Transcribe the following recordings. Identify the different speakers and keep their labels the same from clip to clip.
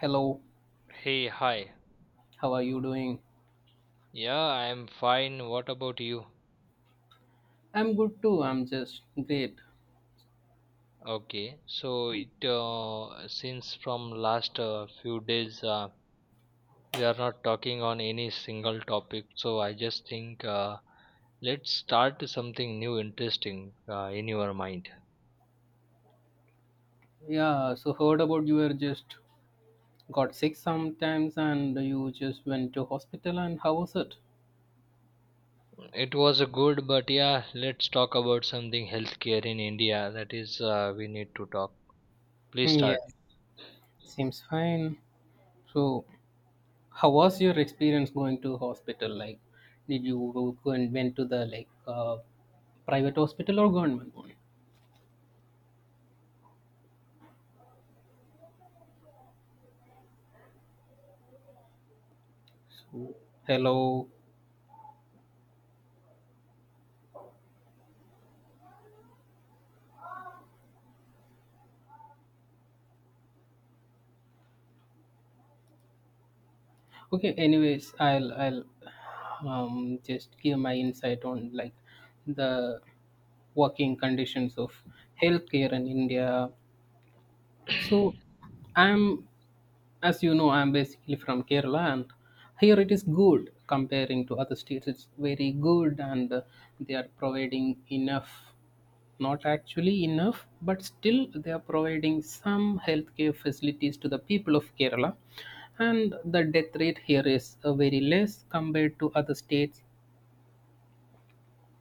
Speaker 1: Hello,
Speaker 2: Hey, hi.
Speaker 1: how are you doing?
Speaker 2: Yeah, I'm fine. What about you?
Speaker 1: I'm good too. I'm just great.
Speaker 2: Okay, so it since from last few days, we are not talking on any single topic, so I just think, let's start something new, interesting, in your mind.
Speaker 1: Yeah, so heard about you were just got sick sometimes and you just went to hospital and how was it?
Speaker 2: It was a good, but yeah, let's talk about something healthcare in India. That is, we need to talk. Please start.
Speaker 1: Yeah, seems fine. So, how was your experience going to hospital? Like, did you go and went to the like private hospital or government one? So, hello. Okay, anyways, I'll just give my insight on like the working conditions of healthcare in India. So I'm, as you know, I'm basically from Kerala, and here it is good comparing to other states. It's very good and they are providing enough, not actually enough, but still they are providing some healthcare facilities to the people of Kerala. And the death rate here is very less compared to other states.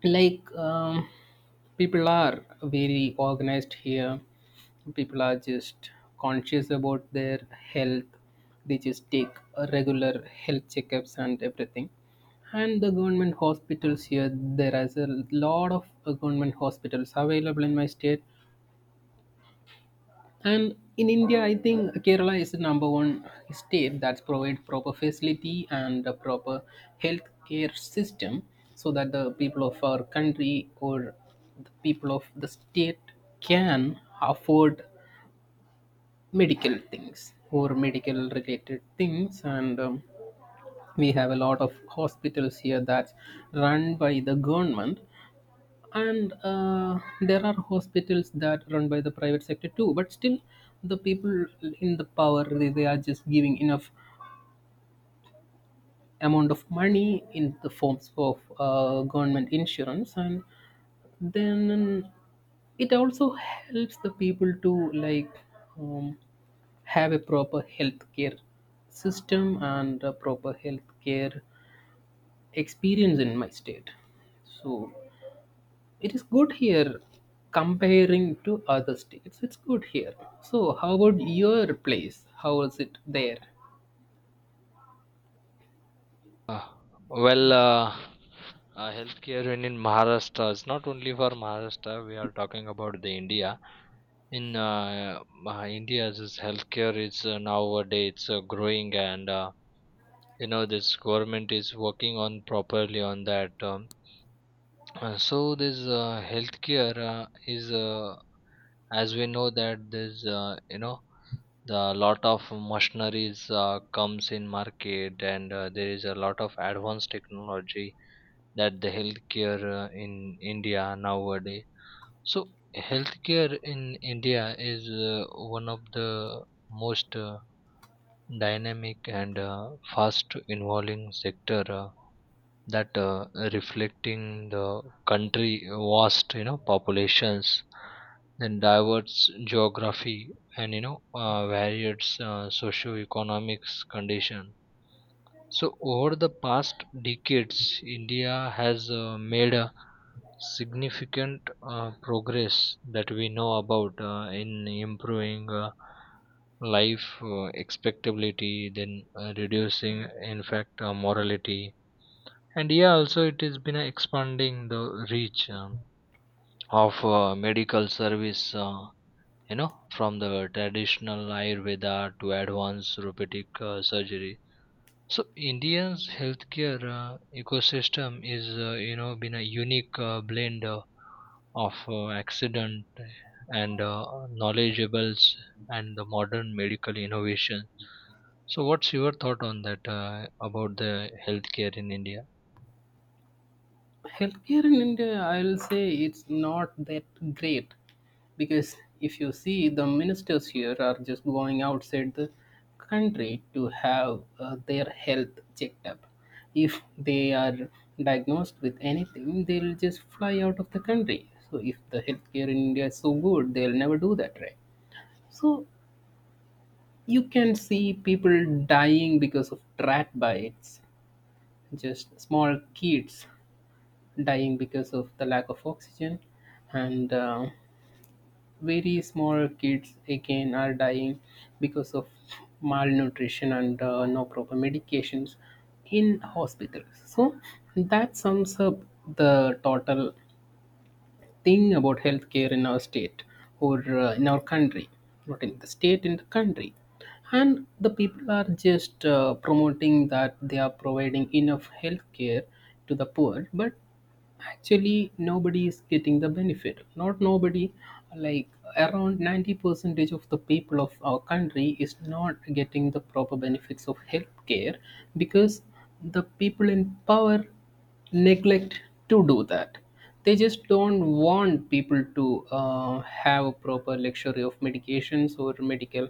Speaker 1: Like, people are very organized here, people are just conscious about their health, they just take regular health checkups and everything, and the government hospitals here, there is a lot of government hospitals available in my state. And in India, I think Kerala is the number one state that's provide proper facility and a proper healthcare system so that the people of our country or the people of the state can afford medical things or medical related things, and we have a lot of hospitals here that's run by the government, and there are hospitals that run by the private sector too, but still the people in the power, they are just giving enough amount of money in the forms of government insurance, and then it also helps the people to like um, have a proper healthcare system and a proper healthcare experience in my state. So it is good here comparing to other states. It's good here. So, how about your place? How is it there?
Speaker 2: Uh, well, healthcare in Maharashtra is not only for Maharashtra. We are talking about the India. In India's is healthcare is nowadays it's growing, and you know this government is working on properly on that. So this healthcare is, as we know that this, you know, the lot of machineries comes in market, and there is a lot of advanced technology that the healthcare in India nowadays. So healthcare in India is uh, one of the most dynamic and fast evolving sector that reflecting the country vast, you know, populations, then diverse geography, and you know, varied socio-economics condition. So over the past decades, India has made a significant progress that we know about, in improving life expectability, then reducing in fact morality, and yeah, also it has been expanding the reach, of medical service, you know, from the traditional ayurveda to advanced therapeutic surgery. So India's healthcare ecosystem is, you know, been a unique blend of accident and knowledgeables and the modern medical innovation. So what's your thought on that, about the healthcare in India?
Speaker 1: Healthcare in India, I'll say it's not that great, because if you see, the ministers here are just going outside the country to have their health checked up. If they are diagnosed with anything, they'll just fly out of the country. So, if the healthcare in India is so good, they'll never do that, right? So you can see people dying because of rat bites, just small kids dying because of the lack of oxygen, and very small kids again are dying because of malnutrition and no proper medications in hospitals. So that sums up the total thing about healthcare in our state, or in our country, not in the state, in the country. And the people are just promoting that they are providing enough healthcare to the poor, but actually nobody is getting the benefit, not nobody, like around 90 percentage of the people of our country is not getting the proper benefits of healthcare, because the people in power neglect to do that. They just don't want people to have a proper luxury of medications or medical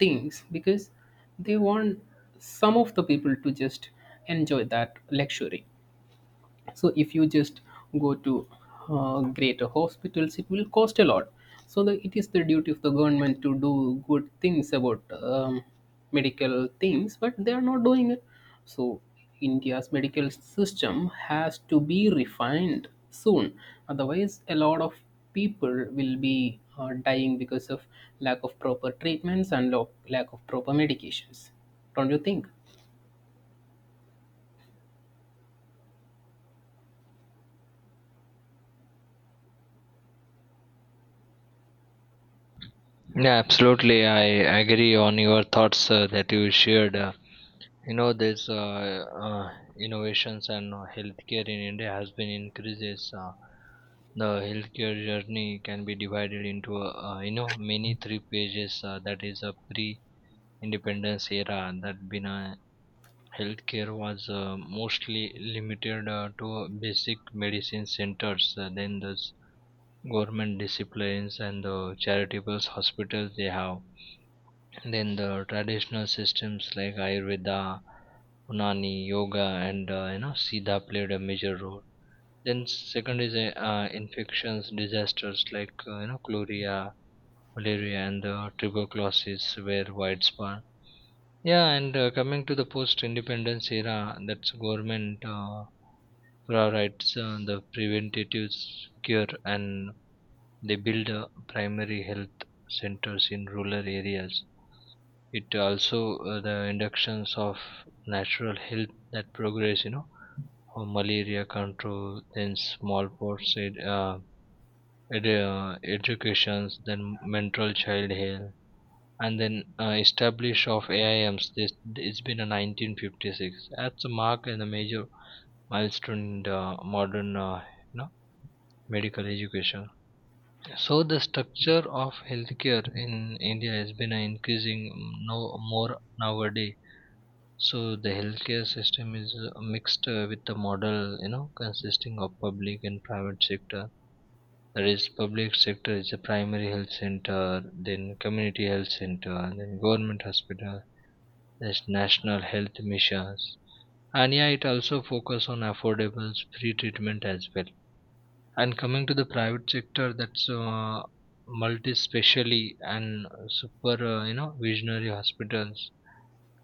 Speaker 1: things, because they want some of the people to just enjoy that luxury. So if you just go to greater hospitals, it will cost a lot. So it is the duty of the government to do good things about medical things, but they are not doing it. So India's medical system has to be refined soon, otherwise a lot of people will be dying because of lack of proper treatments and lack of proper medications. Don't you think?
Speaker 2: Yeah, absolutely. I agree on your thoughts that you shared. You know, this, innovations and healthcare in India has been increases. The healthcare journey can be divided into you know many three pages. That is a pre-independence era, and that been healthcare was mostly limited to basic medicine centers. Then the government disciplines and the charitable hospitals they have, then the traditional systems like Ayurveda, Unani, yoga, and you know, Siddha played a major role. Then second is infections, disasters like, you know, cholera, malaria, and the tuberculosis were widespread. Yeah, and coming to the post-independence era, that's government priorities the preventative cure, and they build primary health centers in rural areas. It also the inductions of natural health that progress, you know, for malaria control, then educations, then mental child health, and then establish of AIMs, this it's been a 1956, that's a mark and a major milestone in the modern, you know, medical education. So the structure of healthcare in India has been increasing no more nowadays. So the healthcare system is mixed with the model, you know, consisting of public and private sector. That is, public sector is a primary health center, then community health center, and then government hospital. There's national health missions, and yeah, it also focus on affordable free treatment as well. And coming to the private sector, that's multi-specially and super, you know, visionary hospitals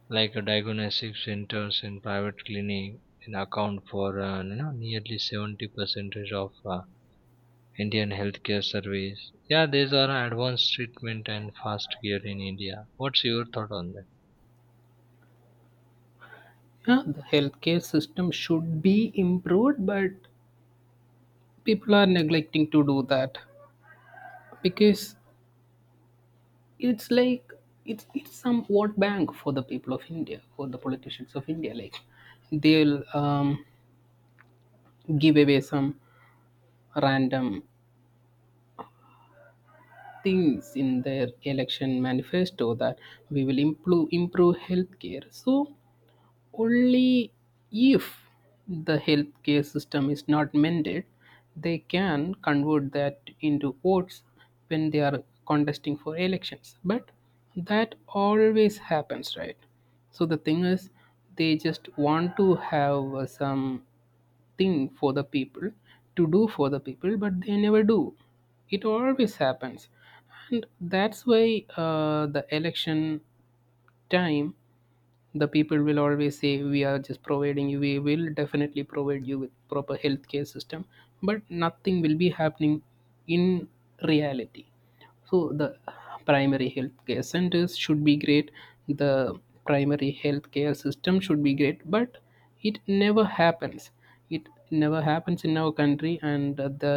Speaker 2: like a diagnostic centers and private clinic, and account for, you know, nearly 70 percentage of indian healthcare service. Yeah, these are advanced treatment and fast care in India. What's your thought on that?
Speaker 1: Yeah, the healthcare system should be improved, but people are neglecting to do that, because it's like it's some vote bank for the people of India, for the politicians of India. Like they'll give away some random things in their election manifesto that we will improve healthcare. So only if the healthcare system is not mended, they can convert that into votes when they are contesting for elections. But that always happens, right? So the thing is, they just want to have some thing for the people, to do for the people, but they never do. It always happens, and that's why the election time the people will always say we are just providing you, we will definitely provide you with proper healthcare system, but nothing will be happening in reality. So the primary healthcare centers should be great, the primary healthcare system should be great, but it never happens. It never happens in our country, and the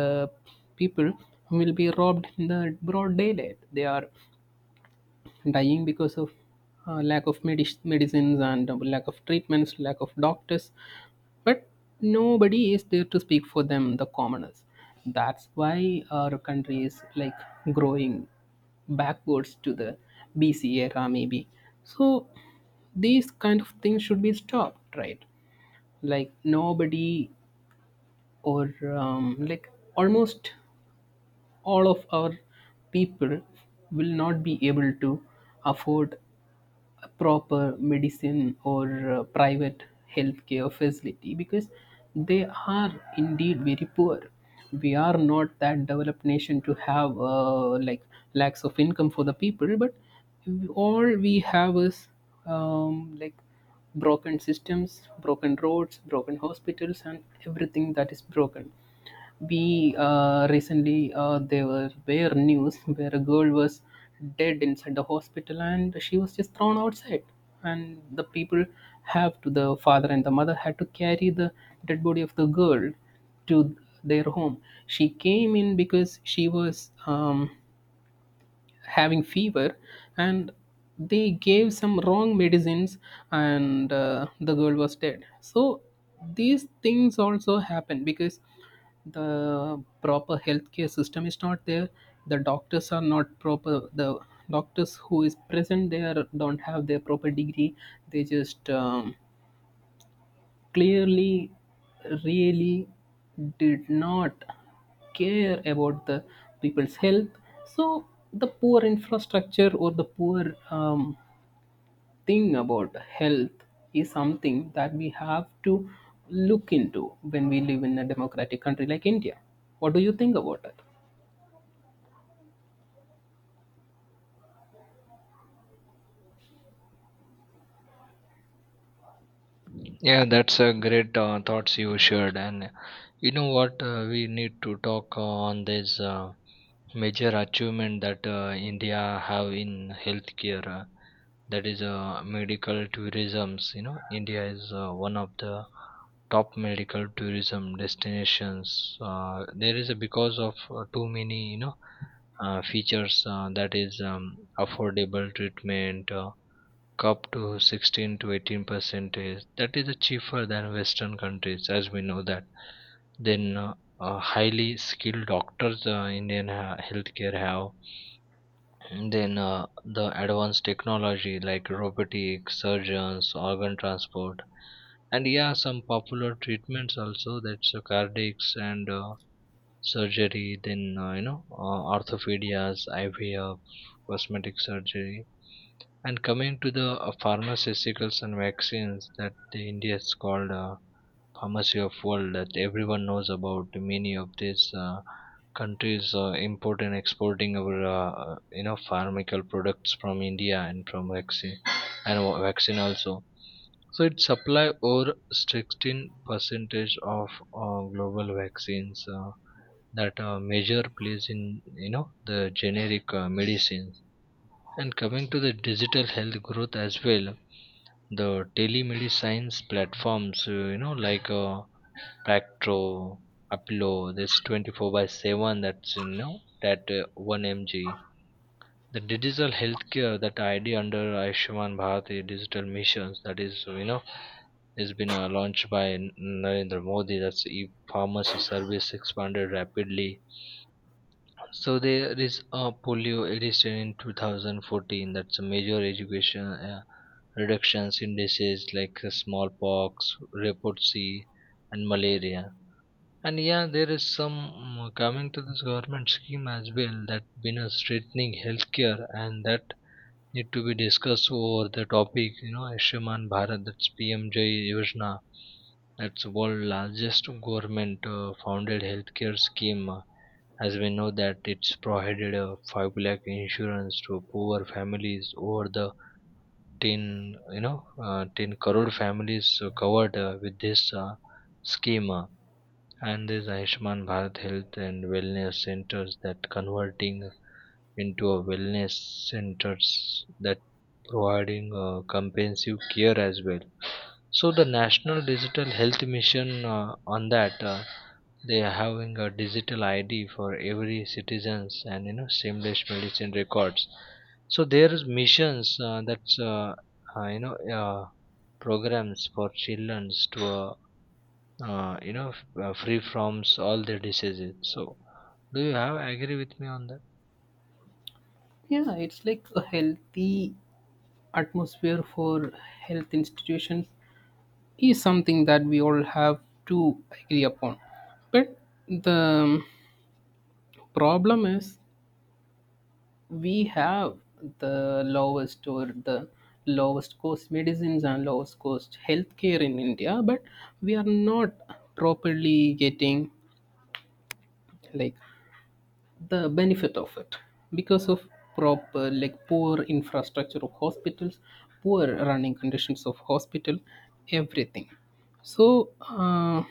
Speaker 1: people will be robbed in the broad daylight. They are dying because of lack of medicines and lack of treatments, lack of doctors. But nobody is there to speak for them, the commoners. That's why our country is like growing backwards to the BC era, maybe. So these kind of things should be stopped, right? Like nobody, or like almost all of our people will not be able to afford proper medicine or private healthcare facility, because they are indeed very poor. We are not that developed nation to have like lacks of income for the people, but all we have is like broken systems, broken roads, broken hospitals, and everything that is broken. We recently, there were bare news where a girl was dead inside the hospital and she was just thrown outside, and the people have to, the father and the mother had to carry the dead body of the girl to their home. She came in because she was having fever, and they gave some wrong medicines, and the girl was dead. So these things also happen because the proper healthcare system is not there, the doctors are not proper, the doctors who is present there don't have their proper degree. They just clearly, really, did not care about the people's health. So the poor infrastructure, or the poor thing about health, is something that we have to look into when we live in a democratic country like India. What do you think about it?
Speaker 2: Yeah, that's a great thoughts you shared. And you know what, we need to talk on this major achievement that India have in healthcare. That is medical tourisms. You know, India is one of the top medical tourism destinations. There is a because of too many, you know, features that is, affordable treatment. Up to 16 to 18% is that is cheaper than western countries, as we know that. Then highly skilled doctors, Indian healthcare have. And then the advanced technology like robotic surgeons, organ transport, and yeah, some popular treatments also. That's cardiacs and surgery. Then you know, orthopedias, IVF, cosmetic surgery. And coming to the pharmaceuticals and vaccines, that the India is called pharmacy of world, that everyone knows about. Many of these countries import and exporting our you know, pharmaceutical products from India, and from vaccine and vaccine also. So it supply over 16 percentage of global vaccines, that major plays in, you know, the generic medicines. And coming to the digital health growth as well, the telemedicine platforms, you know, like Pacto, Apollo, this 24 by 7, that's, you know, that 1mg. The digital healthcare, that idea under Ayushman Bharat digital missions, that is, you know, has been launched by Narendra Modi. That's e-pharmacy service expanded rapidly. So there is a polio edition in 2014. That's a major education, reductions in disease like, smallpox, leprosy, and malaria. And yeah, there is some coming to this government scheme as well, that been a strengthening healthcare and that need to be discussed over the topic. You know, Ayushman Bharat, that's PMJ Yojana, that's world largest government founded healthcare scheme. As we know that it's provided a 5 lakh insurance to poor families. Over the ten, you know, 10 crore families covered with this scheme. And there's Ayushman Bharat Health and Wellness Centers, that converting into a wellness centers that providing comprehensive care as well. So the National Digital Health Mission, on that, they are having a digital ID for every citizens, and you know, seamless medicine records. So there is missions that's you know, programs for children to, you know, free from all the diseases. So do you have agree with me on that?
Speaker 1: Yeah, it's like a healthy atmosphere for health institutions is something that we all have to agree upon, but the problem is, we have the lowest, or the lowest cost medicines and lowest cost healthcare in India, but we are not properly getting like the benefit of it, because of proper, like poor infrastructure of hospitals, poor running conditions of hospital, everything. So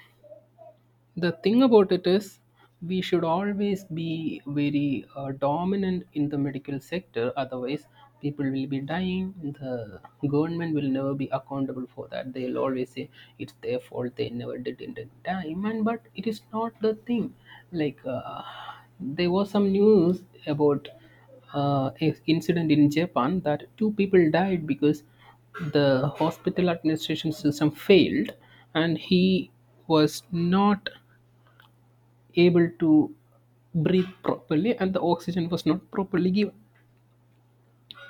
Speaker 1: the thing about it is, we should always be very dominant in the medical sector, otherwise, people will be dying. The government will never be accountable for that. They'll always say it's their fault, they never did it in time. And but it is not the thing. Like, there was some news about a incident in Japan that two people died because the hospital administration system failed, and he was not able to breathe properly and the oxygen was not properly given.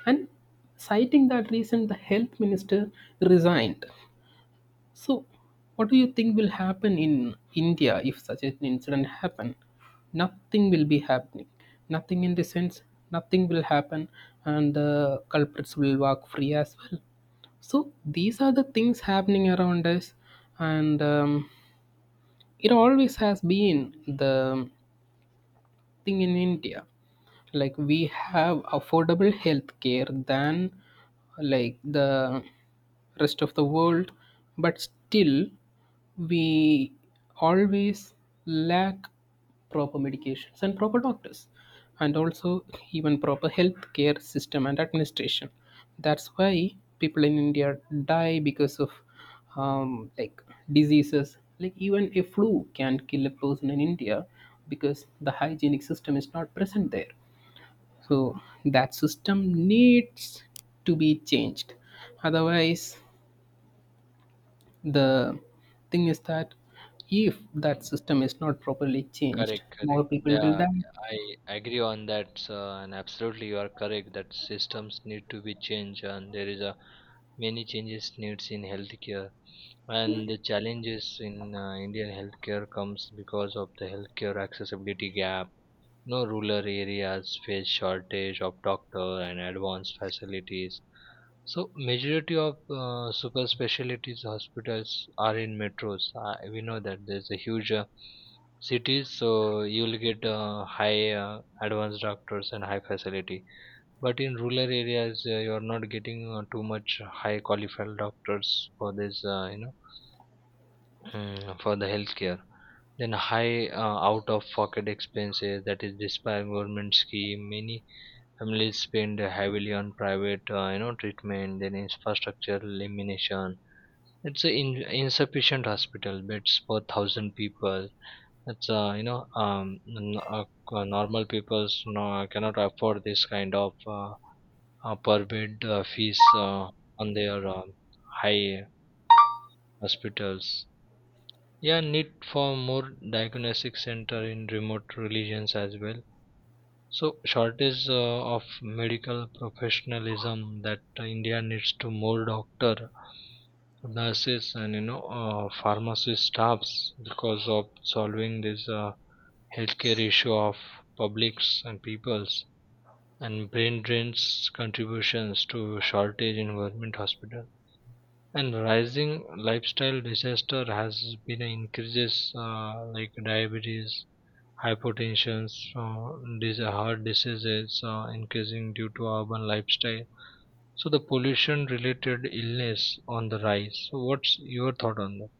Speaker 1: And citing that reason, the health minister resigned. So, what do you think will happen in India if such an incident happen? Nothing will be happening. Nothing in the sense, nothing will happen, and the culprits will walk free as well. So these are the things happening around us, and it always has been the thing in India. Like we have affordable health care than like the rest of the world, but still we always lack proper medications and proper doctors, and also even proper healthcare system and administration. That's why people in India die because of like diseases, like even a flu can kill a person in India, because the hygienic system is not present there. So that system needs to be changed, otherwise the thing is that if that system is not properly changed,
Speaker 2: Correct,
Speaker 1: more
Speaker 2: correct,
Speaker 1: people will
Speaker 2: yeah.
Speaker 1: die.
Speaker 2: I agree on that, sir. And absolutely you are correct that systems need to be changed, and there is a many changes needs in healthcare. And the challenges in indian healthcare comes because of the healthcare accessibility gap. No rural areas face shortage of doctor and advanced facilities. So majority of super specialties hospitals are in metros. We know that there's a huge cities, so you'll get high advanced doctors and high facility. But in rural areas, you are not getting too much high qualified doctors for this, you know, for the healthcare. Then high out-of-pocket expenses, that is despite government scheme, many families spend heavily on private, you know, treatment. Then infrastructure elimination. It's a insufficient hospital beds per thousand people. That's you know, normal people's no, cannot afford this kind of per bed fees on their high hospitals. Yeah, need for more diagnostic center in remote regions as well. So shortage of medical professionalism, that India needs to more doctor, nurses, and you know, pharmacy staffs, because of solving this healthcare issue of publics and peoples. And brain drains contributions to shortage in government hospital. And rising lifestyle disaster has been increases, like diabetes, hypertension, heart diseases increasing due to urban lifestyle. So the pollution related illness on the rise. So what's your thought on that?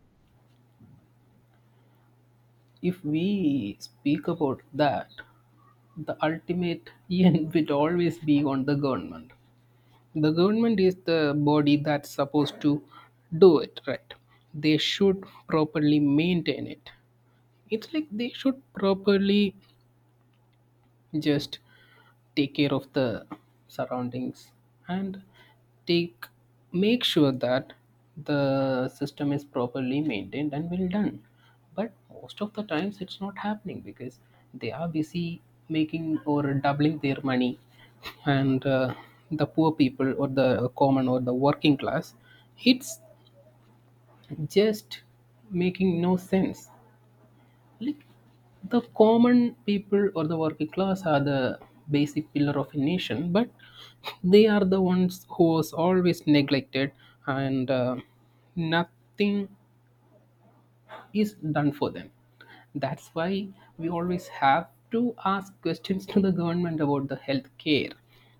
Speaker 1: If we speak about that, the ultimate end will always be on the government. The government is the body that's supposed to do it, right? They should properly maintain it. It's like they should properly just take care of the surroundings, and take, make sure that the system is properly maintained and well done. But most of the times it's not happening because they are busy making or doubling their money, and the poor people, or the common, or the working class, it's just making no sense. Like, the common people or the working class are the basic pillar of a nation, but they are the ones who was always neglected, and nothing is done for them. That's why we always have to ask questions to the government about the health care.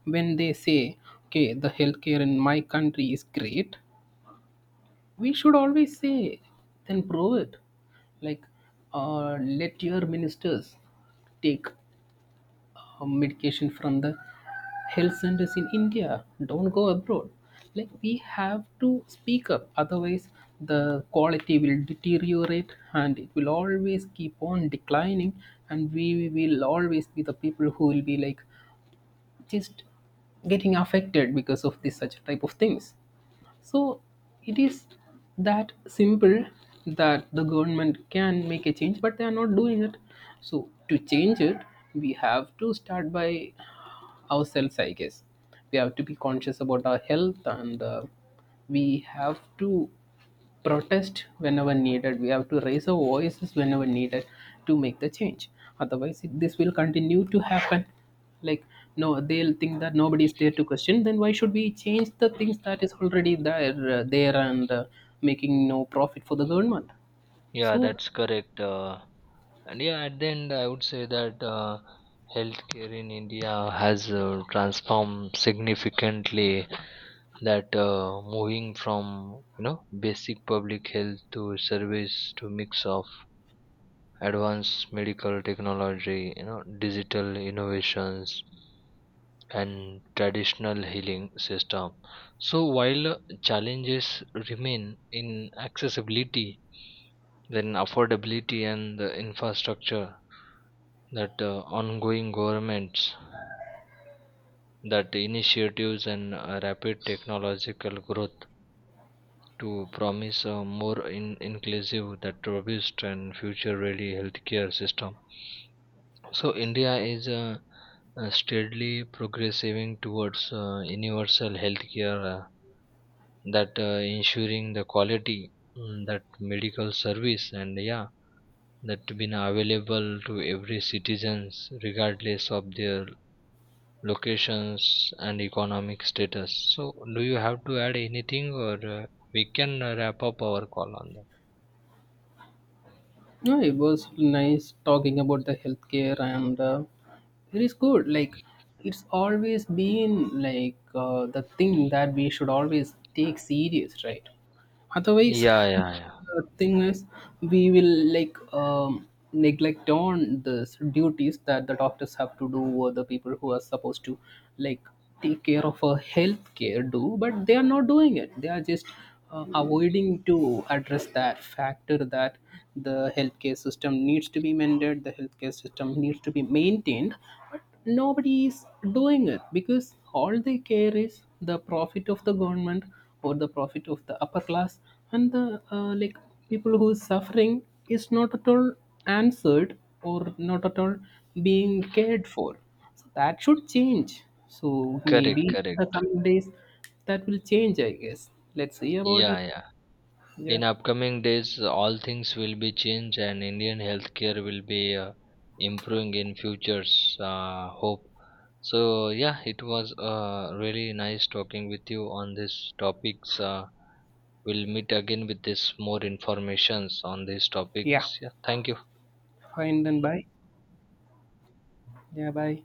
Speaker 1: When they say, okay, the health care in my country is great, we should always say then prove it. Like let your ministers take medication from the health centers in India, don't go abroad. Like we have to speak up, otherwise the quality will deteriorate and it will always keep on declining, and we will always be the people who will be like just getting affected because of this such type of things. So it is that simple, that the government can make a change, but they are not doing it. So to change it, we have to start by ourselves, I guess. We have to be conscious about our health, and we have to protest whenever needed, we have to raise our voices whenever needed, to make the change. Otherwise this will continue to happen. Like no, they'll think that nobody is there to question, then why should we change the things that is already there and making no profit for the government.
Speaker 2: Yeah,
Speaker 1: So
Speaker 2: that's correct. And yeah, at the end, I would say that healthcare in India has transformed significantly. That moving from, you know, basic public health to service, to mix of advanced medical technology, you know, digital innovations and traditional healing system. So while challenges remain in accessibility, then affordability and the infrastructure, that ongoing governments, that initiatives and rapid technological growth, to promise a more inclusive, that robust and future ready healthcare system. So India is, steadily progressing towards universal healthcare, that ensuring the quality, that medical service, and yeah, that been available to every citizens regardless of their locations and economic status. So do you have to add anything, or we can wrap up our call on that?
Speaker 1: no, it was nice talking about the healthcare, and it is good. Like it's always been like the thing that we should always take serious, right? Otherwise
Speaker 2: Yeah, yeah, yeah.
Speaker 1: the thing is, we will like neglect on this duties that the doctors have to do, or the people who are supposed to like take care of a health care do, but they are not doing it. They are just avoiding to address that factor that the healthcare system needs to be mended, the healthcare system needs to be maintained, but nobody is doing it, because all they care is the profit of the government, or the profit of the upper class, and the like people who is suffering is not at all answered, or not at all being cared for. So that should change. So
Speaker 2: Correct,
Speaker 1: maybe in the
Speaker 2: correct.
Speaker 1: coming days that will change, I guess. Let's see about
Speaker 2: Yeah,
Speaker 1: it.
Speaker 2: yeah. In
Speaker 1: Yeah.
Speaker 2: upcoming days, all things will be changed, and Indian healthcare will be improving in futures. Hope. So yeah, it was really nice talking with you on these topics. We'll meet again with this more informations on these
Speaker 1: Yeah,
Speaker 2: topics. Yeah, thank you.
Speaker 1: fine then, bye. Yeah, bye.